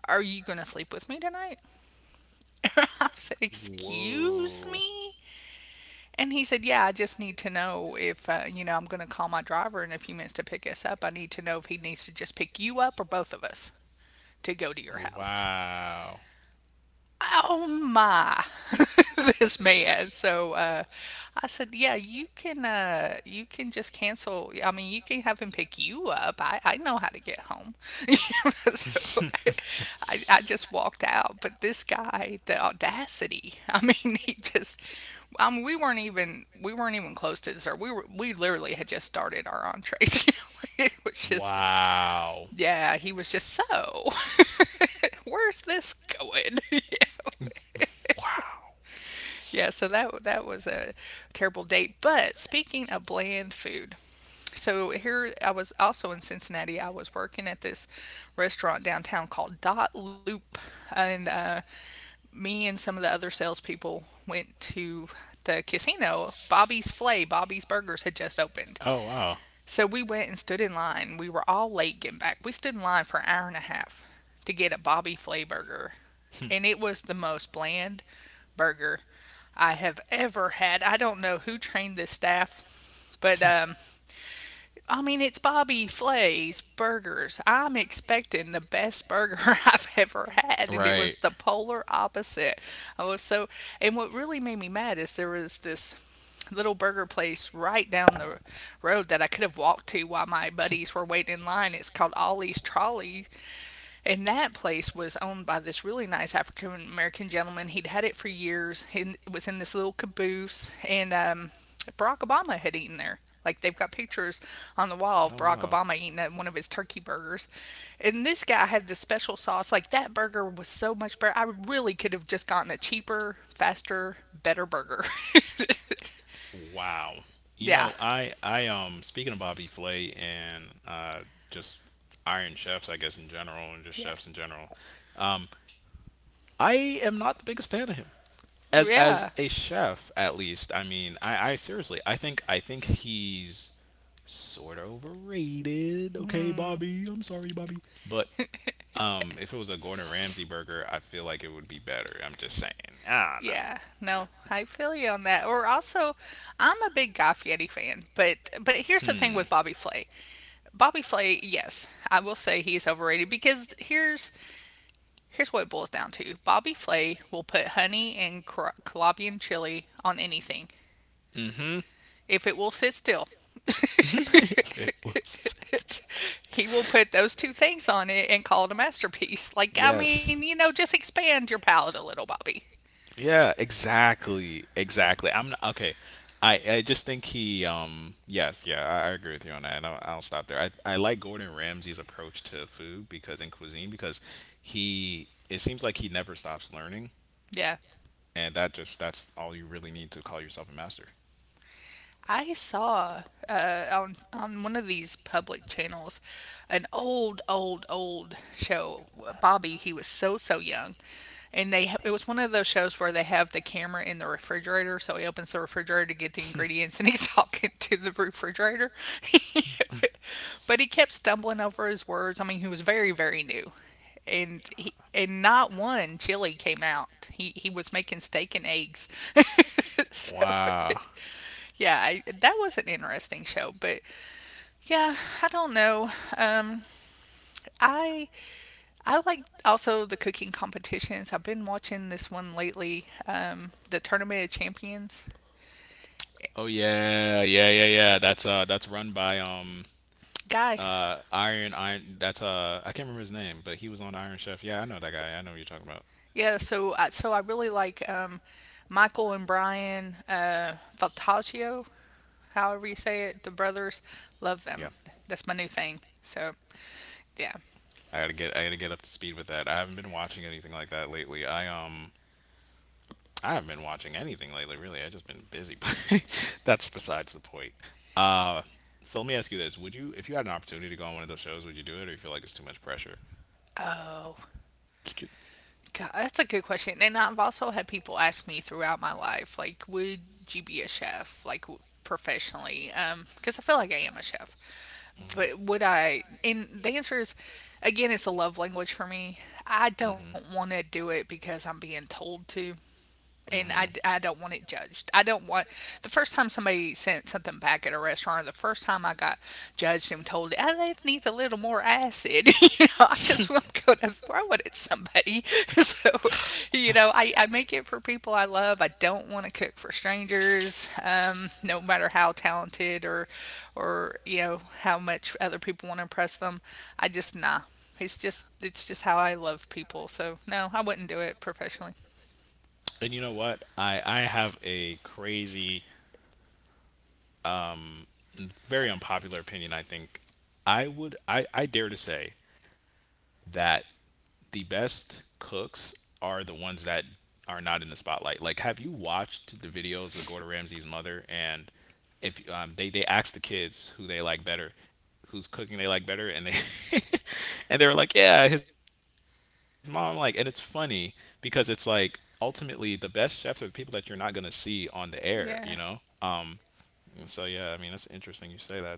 are you going to sleep with me tonight?" I said, "Excuse Whoa. me." And he said, "Yeah, I just need to know if you know, I'm going to call my driver in a few minutes to pick us up. I need to know if he needs to just pick you up or both of us to go to your house." Wow. Oh my. This man. So uh, I said, yeah, you can uh, you can just cancel. I mean, you can have him pick you up, I know how to get home. So I just walked out. But this guy, the audacity. I mean he just, I mean we weren't even close to dessert. We literally had just started our entrees. It was just, Wow. yeah, he was just so where's this going? You, Wow. yeah, so that that was a terrible date. But speaking of bland food, so here I was also in Cincinnati. I was working at this restaurant downtown called Dot Loop, and me and some of the other salespeople went to the casino. Bobby's Flay, Bobby's Burgers had just opened, Oh, wow. so we went and stood in line. We were all late getting back. We stood in line for an hour and a half to get a Bobby Flay burger. And it was the most bland burger I have ever had. I don't know who trained this staff, but I mean, it's Bobby Flay's burgers. I'm expecting the best burger I've ever had, and it was Right. the polar opposite. I was so, and what really made me mad is there was this little burger place right down the road that I could have walked to while my buddies were waiting in line. It's called Ollie's Trolley, and that place was owned by this really nice African American gentleman. He'd had it for years. He was in this little caboose, and Barack Obama had eaten there. Like they've got pictures on the wall of Oh, Barack wow. Obama eating one of his turkey burgers. And this guy had this special sauce. Like that burger was so much better. I really could have just gotten a cheaper, faster, better burger. Wow. You yeah. know, I speaking of Bobby Flay and just Iron Chefs, I guess in general, and just Yeah. chefs in general. Um, I am not the biggest fan of him as Yeah. a chef, at least. I mean, I seriously, I think he's sort of overrated. Okay, Bobby, I'm sorry, Bobby, but if it was a Gordon Ramsay burger, I feel like it would be better. I'm just saying. I don't Yeah, know. no, I feel you on that. Or also, I'm a big Guy Fieri fan, but here's the thing Hmm. with Bobby Flay. Bobby Flay, yes, I will say he's overrated because here's what it boils down to. Bobby Flay will put honey and Colombian chili on anything if it will sit still. It was. Put he will put those two those things on it and call it a masterpiece. Like I mean, you yes. know, just expand your palate a little, Bobby. Yeah, exactly. Exactly. I'm not, okay. I just think he yes yeah I agree with you on that, and I'll stop there, I like Gordon Ramsay's approach to food because in cuisine because he, it seems like he never stops learning, Yeah. and that's all you really need to call yourself a master. I saw on one of these public channels an old, old, old show. Bobby, he was so young, and they it was one of those shows where they have the camera in the refrigerator. So he opens the refrigerator to get the ingredients, and he's talking to the refrigerator. but he kept stumbling over his words. I mean, he was very very new, and he. And not one chili came out. He was making steak and eggs. so Wow. yeah, that was an interesting show, but yeah, I don't know. Um, I I like also the cooking competitions. I've been watching this one lately, the Tournament of Champions Oh yeah, yeah, yeah, yeah. That's run by guy. Iron, that's I can't remember his name, but he was on Iron Chef. Yeah, I know that guy. I know what you're talking about. Yeah, so I really like Michael and Brian Faltaggio, however you say it. The brothers love Yeah. them. That's my new thing. So yeah. I gotta get up to speed with that. I haven't been watching anything like that lately. I haven't been watching anything lately, really. I just been busy, but that's besides the point. Uh so let me ask you this. Would you If you had an opportunity to go on one of those shows, would you do it, or you feel like it's too much pressure? Oh, God, that's a good question. And I've also had people ask me throughout my life, like, would you be a chef, like professionally? Because I feel like I am a chef. But would I? And the answer is, again, it's a love language for me. I don't Mm-hmm. want to do it because I'm being told to, and I, Hmm. I don't want it judged. I don't want the first time somebody sent something back at a restaurant, or the first time I got judged and told, "Oh, that needs a little more acid," you know, I just am going to throw it at somebody. so, you know, I make it for people I love. I don't want to cook for strangers, no matter how talented or you know how much other people want to impress them. I just nah. It's just how I love people. So no, I wouldn't do it professionally. And you know what? I have a crazy, very unpopular opinion. I think I would I dare to say that the best cooks are the ones that are not in the spotlight. Like, have you watched the videos with Gordon Ramsay's mother? And if they asked the kids who they like better, who's cooking they like better, and they and they were like, yeah, his mom. Like, and it's funny because it's like ultimately the best chefs are the people that you're not gonna see on the air. You know. Yeah. Um. So yeah, I mean that's interesting. You say that's true.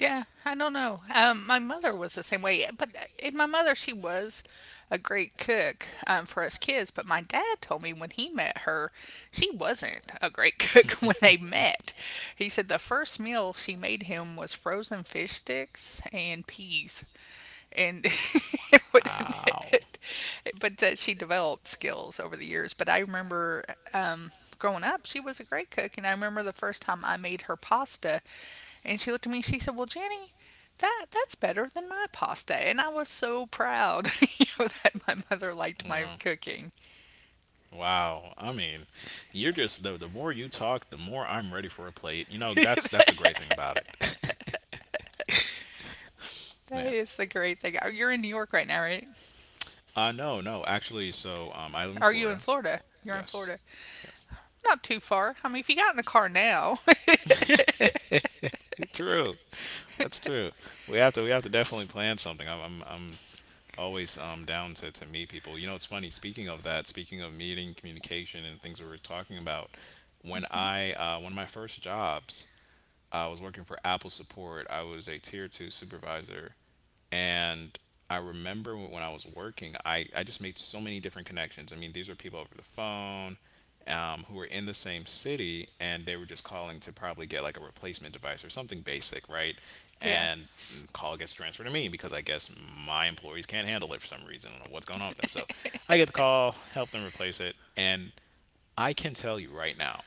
Yeah, I don't know. My mother was the same way, but in my mother, she was a great cook for us kids. But my dad told me when he met her, she wasn't a great cook when they met. He said the first meal she made him was frozen fish sticks and peas, and it wouldn't. Wow. But that she developed skills over the years. But I remember um, growing up, she was a great cook, and I remember the first time I made her pasta, and she looked at me and she said, "Well, Jenny. That's better than my pasta," and I was so proud you know, that my mother liked you my know, cooking. Wow. My cooking. Wow. I mean, you're just the more you talk, the more I'm ready for a plate. You know, that's that's That the great thing about it. Man. is the great thing. Oh, you're in New York right now, right? No, no. Actually, so I live Are in Are you in Florida. Florida? You're in Yes. Florida, Yes. not too far. I mean, if you got in the car now, True. That's true. We have to definitely plan something. I'm always down to meet people. You know, it's funny. Speaking of that, speaking of meeting, communication, and things we were talking about, when I one of my first jobs, I was working for Apple support. I was a tier two supervisor. And I remember when I was working, I just made so many different connections. I mean, these were people over the phone who were in the same city, and they were just calling to probably get like a replacement device or something basic, right? yeah, And call gets transferred to me because I guess my employees can't handle it for some reason. I don't know what's going on with them. So I get the call, help them replace it. And I can tell you right now,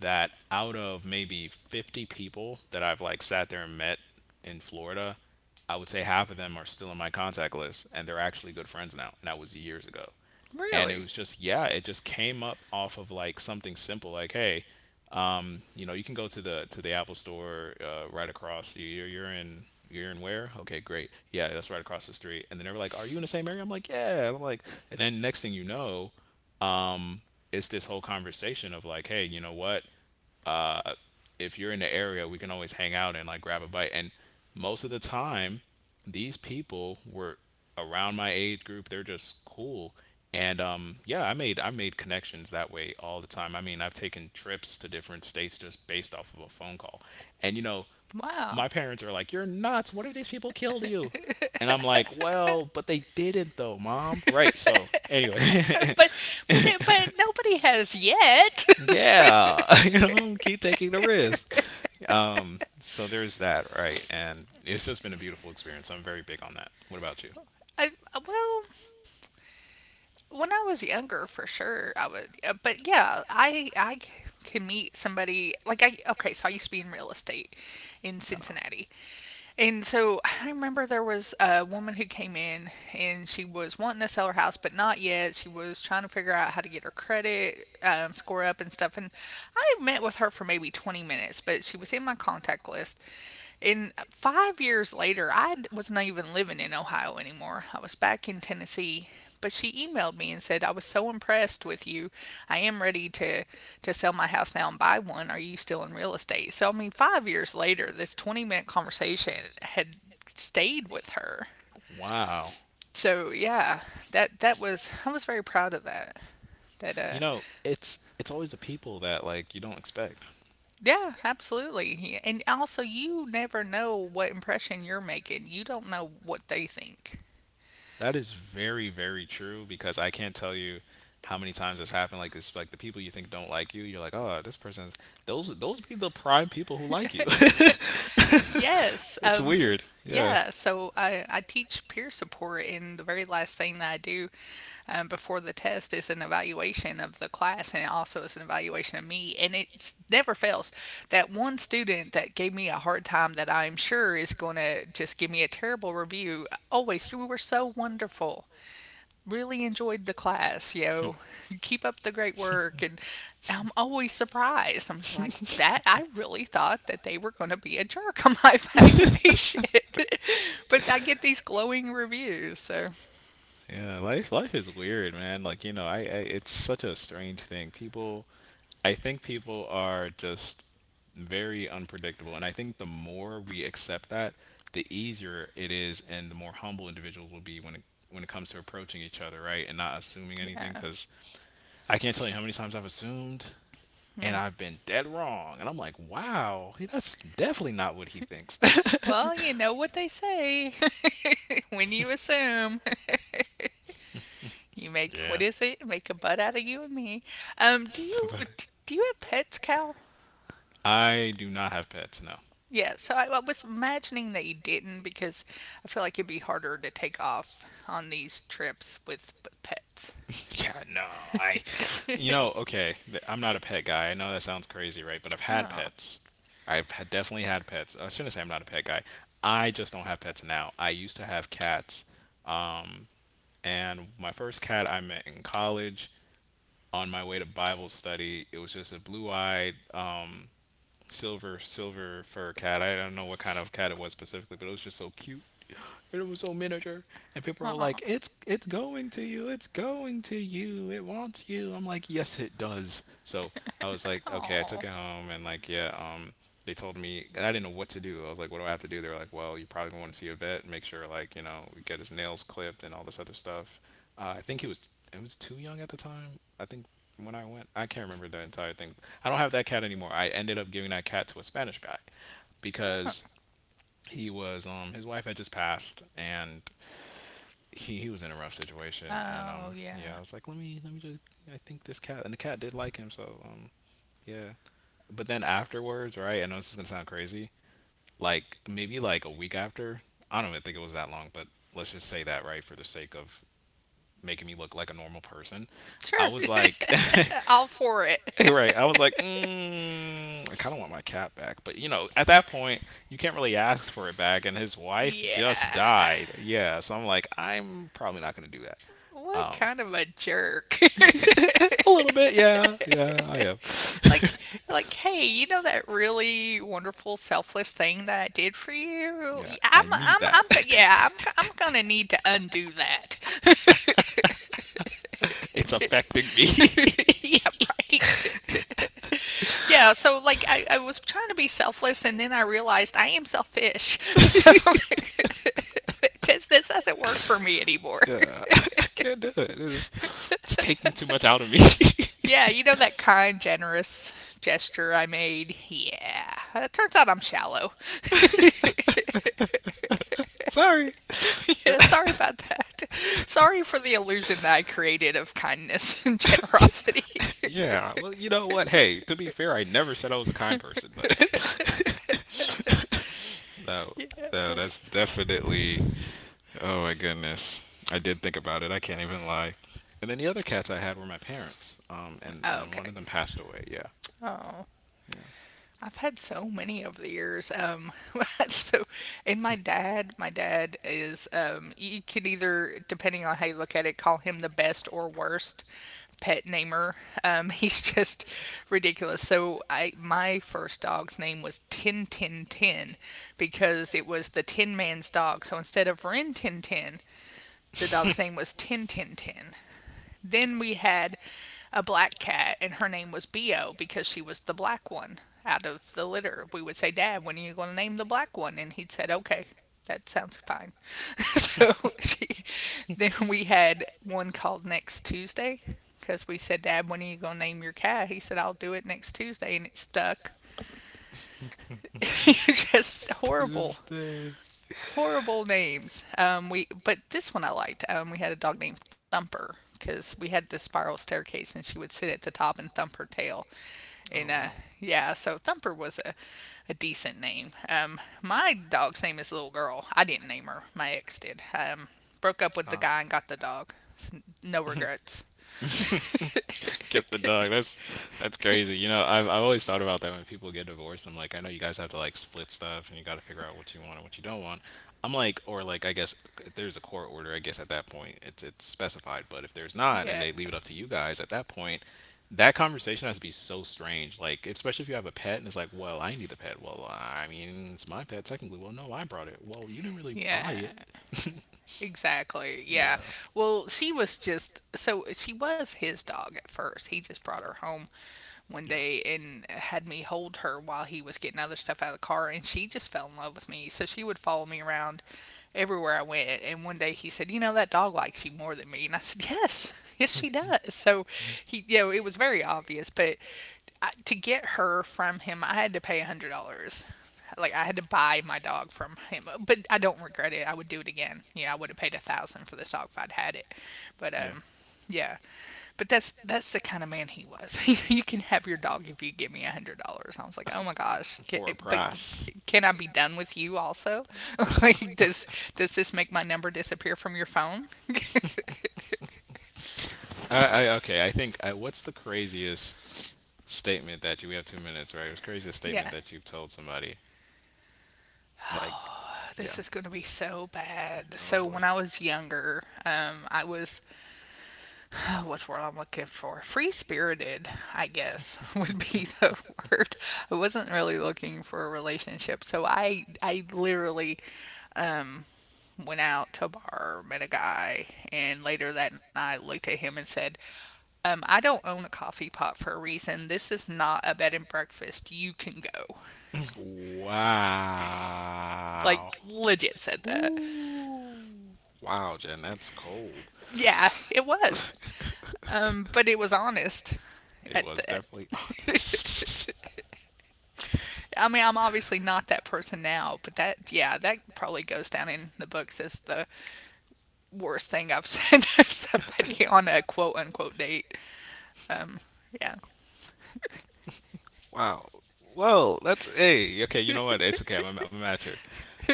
that out of maybe 50 people that I've like sat there and met in Florida, I would say half of them are still in my contact list, and they're actually good friends now. And that was years ago. And it really, was just, yeah, it just came up off of like something simple like, hey, you can go to the Apple store right across. You're in where? Okay, great. Yeah, that's right across the street. And then they were like, are you in the same area? I'm like, yeah. I'm like, and then next thing you know, um, it's this whole conversation of like, hey, you know what? uh, if you're in the area, we can always hang out and like grab a bite. And most of the time, these people were around my age group. They're just cool. And yeah, I made connections that way all the time. I mean, I've taken trips to different states just based off of a phone call. And you know, wow. my parents are like, "You're nuts! What if these people killed you?" And I'm like, "Well, but they didn't though, mom." Right? So anyway, But but nobody has yet. So, yeah, keep taking the risk. So there's that, right? And it's just been a beautiful experience. I'm very big on that. What about you? I, well, when I was younger, for sure, I was. But yeah, I can meet somebody like I. Okay, so I used to be in real estate in Cincinnati, and so I remember there was a woman who came in and she was wanting to sell her house, but not yet. She was trying to figure out how to get her credit score up and stuff. And I met with her for maybe 20 minutes, but she was in my contact list. And 5 years later, I was not even living in Ohio anymore. I was back in Tennessee, but she emailed me and said, "I was so impressed with you. I am ready to sell my house now and buy one. Are you still in real estate?" So, I mean, 5 years later, this 20-minute conversation had stayed with her. Wow. So, yeah, that was, I was very proud of that. That, You uh, know, it's always the people that like you don't expect. yeah, absolutely. And also, you never know what impression you're making, you don't know what they think. That is very, very true because I can't tell you how many times that's happened. Like it's like the people you think don't like you, you're like, oh, this person. Those be the prime people who like you. Yes. It's weird. Yeah. Yeah. So I teach peer support, and the very last thing that I do before the test is an evaluation of the class, and it also is an evaluation of me. And it never fails. That one student that gave me a hard time that I'm sure is going to just give me a terrible review always, "You were so wonderful. Really enjoyed the class, yo. Keep up the great work." And I'm always surprised. I'm just like, that I really thought that they were going to be a jerk on my evaluation. But I get these glowing reviews. So, Yeah, life life is weird, man. Like, I it's such a strange thing. People I think people are just very unpredictable, and I think the more we accept that, the easier it is and the more humble individuals will be when it comes to approaching each other, right? And not assuming yeah. anything cuz I can't tell you how many times I've assumed, and I've been dead wrong. And I'm like, "Wow, that's definitely not what he thinks." Well, you know what they say when you assume. You make, what Yeah. is it? Make a butt out of you and me. Um, do you but do you have pets, Cal? I do not have pets, no. Yeah, so I was imagining that you didn't because I feel like it'd be harder to take off on these trips with pets. Yeah, no, I, okay, I'm not a pet guy. I know that sounds crazy, right? But I've had Oh, pets. I've had, definitely had pets. I shouldn't say I'm not a pet guy. I just don't have pets now. I used to have cats. Um, and my first cat I met in college on my way to Bible study. It was just a blue eyed, silver fur cat. I don't know what kind of cat it was specifically, but it was just so cute. And it was so miniature, and people were oh, like, "It's going to you. It's going to you. It wants you." I'm like, "Yes, it does." So I was like, "Okay." I took oh, it home, and like, yeah, they told me, and I didn't know what to do. I was like, "What do I have to do?" They were like, "Well, you probably gonna want to see a vet, and make sure like we get his nails clipped and all this other stuff." I think it was too young at the time. I think when I went, I can't remember the entire thing. I don't have that cat anymore. I ended up giving that cat to a Spanish guy oh, because he was his wife had just passed, and he was in a rough situation, and oh yeah, yeah. I was like, let me just I think this cat, and the cat did like him, so yeah. But then afterwards, right, I know this is gonna sound crazy, like maybe like a week after. I don't even think it was that long, but let's just say that, right, for the sake of making me look like a normal person. I Sure. was like, All for it. hey, right. I was like, I kind of want my cat back. But, you know, at that point, you can't really ask for it back. And his wife just yeah. died. Yeah. So I'm like, I'm probably not going to do that. What kind Um, of a jerk? a little bit. Yeah. Yeah, I am. like like, hey, you know that really wonderful selfless thing that I did for you, yeah. I am I need I'm that. go- I'm gonna need to undo that. It's affecting me. Yeah, right. Yeah, so like, I was trying to be selfless, and then I realized I am selfish. So, this doesn't work for me anymore. Yeah, I can't do it. It's taking too much out of me. Yeah, you know that kind, generous gesture I made? Yeah. It turns out I'm shallow. Sorry. Yeah, sorry about that. Sorry for the illusion that I created of kindness and generosity. Yeah, well, you know what? Hey, to be fair, I never said I was a kind person, but no, Yeah, no, that's that's definitely. Oh my goodness, I did think about it. I can't even lie. And then the other cats I had were my parents. And one okay. of them passed away. Yeah, Oh. yeah. I've had so many over the years. So, and my dad is, you could either, depending on how you look at it, call him the best or worst pet namer. He's just ridiculous. So, I my first dog's name was Tin Tin Tin, because it was the Tin Man's dog. So instead of Rin Tin Tin, the dog's name was Tin Tin Tin. Then we had a black cat, and her name was Bio, because she was the black one out of the litter. We would say, "Dad, when are you going to name the black one?" And he'd said, "Okay, that sounds fine." So she, then we had one called Next Tuesday, because we said, "Dad, when are you going to name your cat?" He said, "I'll do it next Tuesday." And it stuck. Just To horrible this day. horrible names. We But this one I liked. We had a dog named Thumper because we had this spiral staircase and she would sit at the top and thump her tail. And Oh wow. yeah, so Thumper was a decent name. My dog's name is Little Girl. I didn't name her. My ex did. Broke up with the Ah. guy and got the dog. No regrets. Get the dog. That's crazy. You know, I've always thought about that when people get divorced. I'm like, I know you guys have to like split stuff, and you got to figure out what you want and what you don't want. I'm like, or like, I guess if there's a court order, I guess at that point it's specified. But if there's not, and Yeah, they leave it up to you guys at that point, that conversation has to be so strange. Like, especially if you have a pet and it's like, well, I need the pet. Well, I mean, it's my pet technically. Well, no, I brought it. Well, you didn't really buy yeah. it. Exactly. Yeah. Yeah, Well, she was just so she was his dog at first. He just brought her home one yeah, day and had me hold her while he was getting other stuff out of the car, and she just fell in love with me. So she would follow me around everywhere I went, and one day he said, "You know that dog likes you more than me." And I said, "Yes. Yes, she does." So he it was very obvious, but to get her from him, I had to pay a $100. Like I had to buy my dog from him, but I don't regret it. I would do it again. Yeah, I would have paid a thousand for this dog if I'd had it. But yeah. Yeah, but that's the kind of man he was. "You can have your dog if you give me $100." I was like, oh my gosh, For a but price. can I be done with you also? Like, does this make my number disappear from your phone? I okay. What's the craziest statement that you? We have 2 minutes, right? What's the craziest statement Yeah. that you've told somebody? Like, Oh, yeah. this is going to be so bad. Oh So boy. when I was younger, I was oh, what's the word I'm looking for? Free spirited, I guess, would be the word. I wasn't really looking for a relationship, so I literally um, went out to a bar, met a guy, and later that night looked at him and said, "I don't own a coffee pot for a reason. This is not a bed and breakfast. You can go." Wow. Like, legit said that. Ooh. Wow, Jen, that's cold. Yeah, it was. But it was honest It at was the, at, definitely honest. I mean, I'm obviously not that person now, but that probably goes down in the books as the worst thing I've said to somebody on a quote unquote date. Yeah. Wow. Well, that's hey. Okay, you know what? It's okay. I'm a matcher.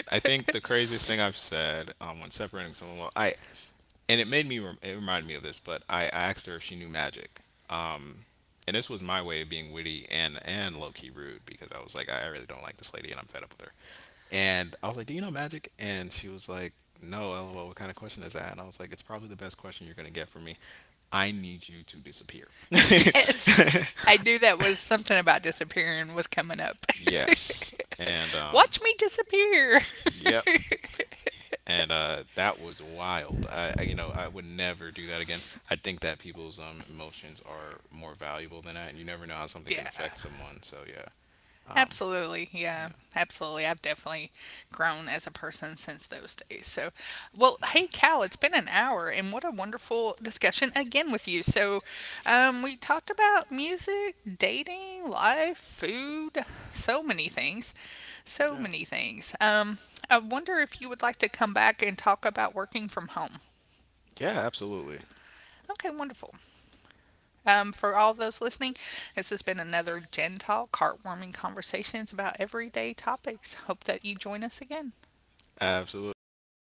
I think the craziest thing I've said when separating someone. Well, I and it made me rem- it reminded me of this, but I asked her if she knew magic, um, and this was my way of being witty and low-key rude, because I was like, I really don't like this lady, and I'm fed up with her. And I was like, do you know magic? And she was like, no lol, what kind of question is that? And I was like, it's probably the best question you're going to get from me. I need you to disappear. Yes. I knew that was something about disappearing was coming up. Yes, and Watch me disappear. yep. And that was wild. You know, I would never do that again. I think that people's emotions are more valuable than that, and you never know how something can Yeah. affect someone. So yeah, um, Absolutely. Yeah. yeah, Absolutely. I've definitely grown as a person since those days. So, well, yeah, hey, Cal, it's been an hour, and what a wonderful discussion again with you. So, we talked about music, dating, life, food, so many things. So yeah, many things. I wonder if you would like to come back and talk about working from home. yeah. Absolutely, Okay, wonderful. For all those listening, this has been another Gen Talk, heartwarming conversations about everyday topics. Hope that you join us again. absolutely, guys.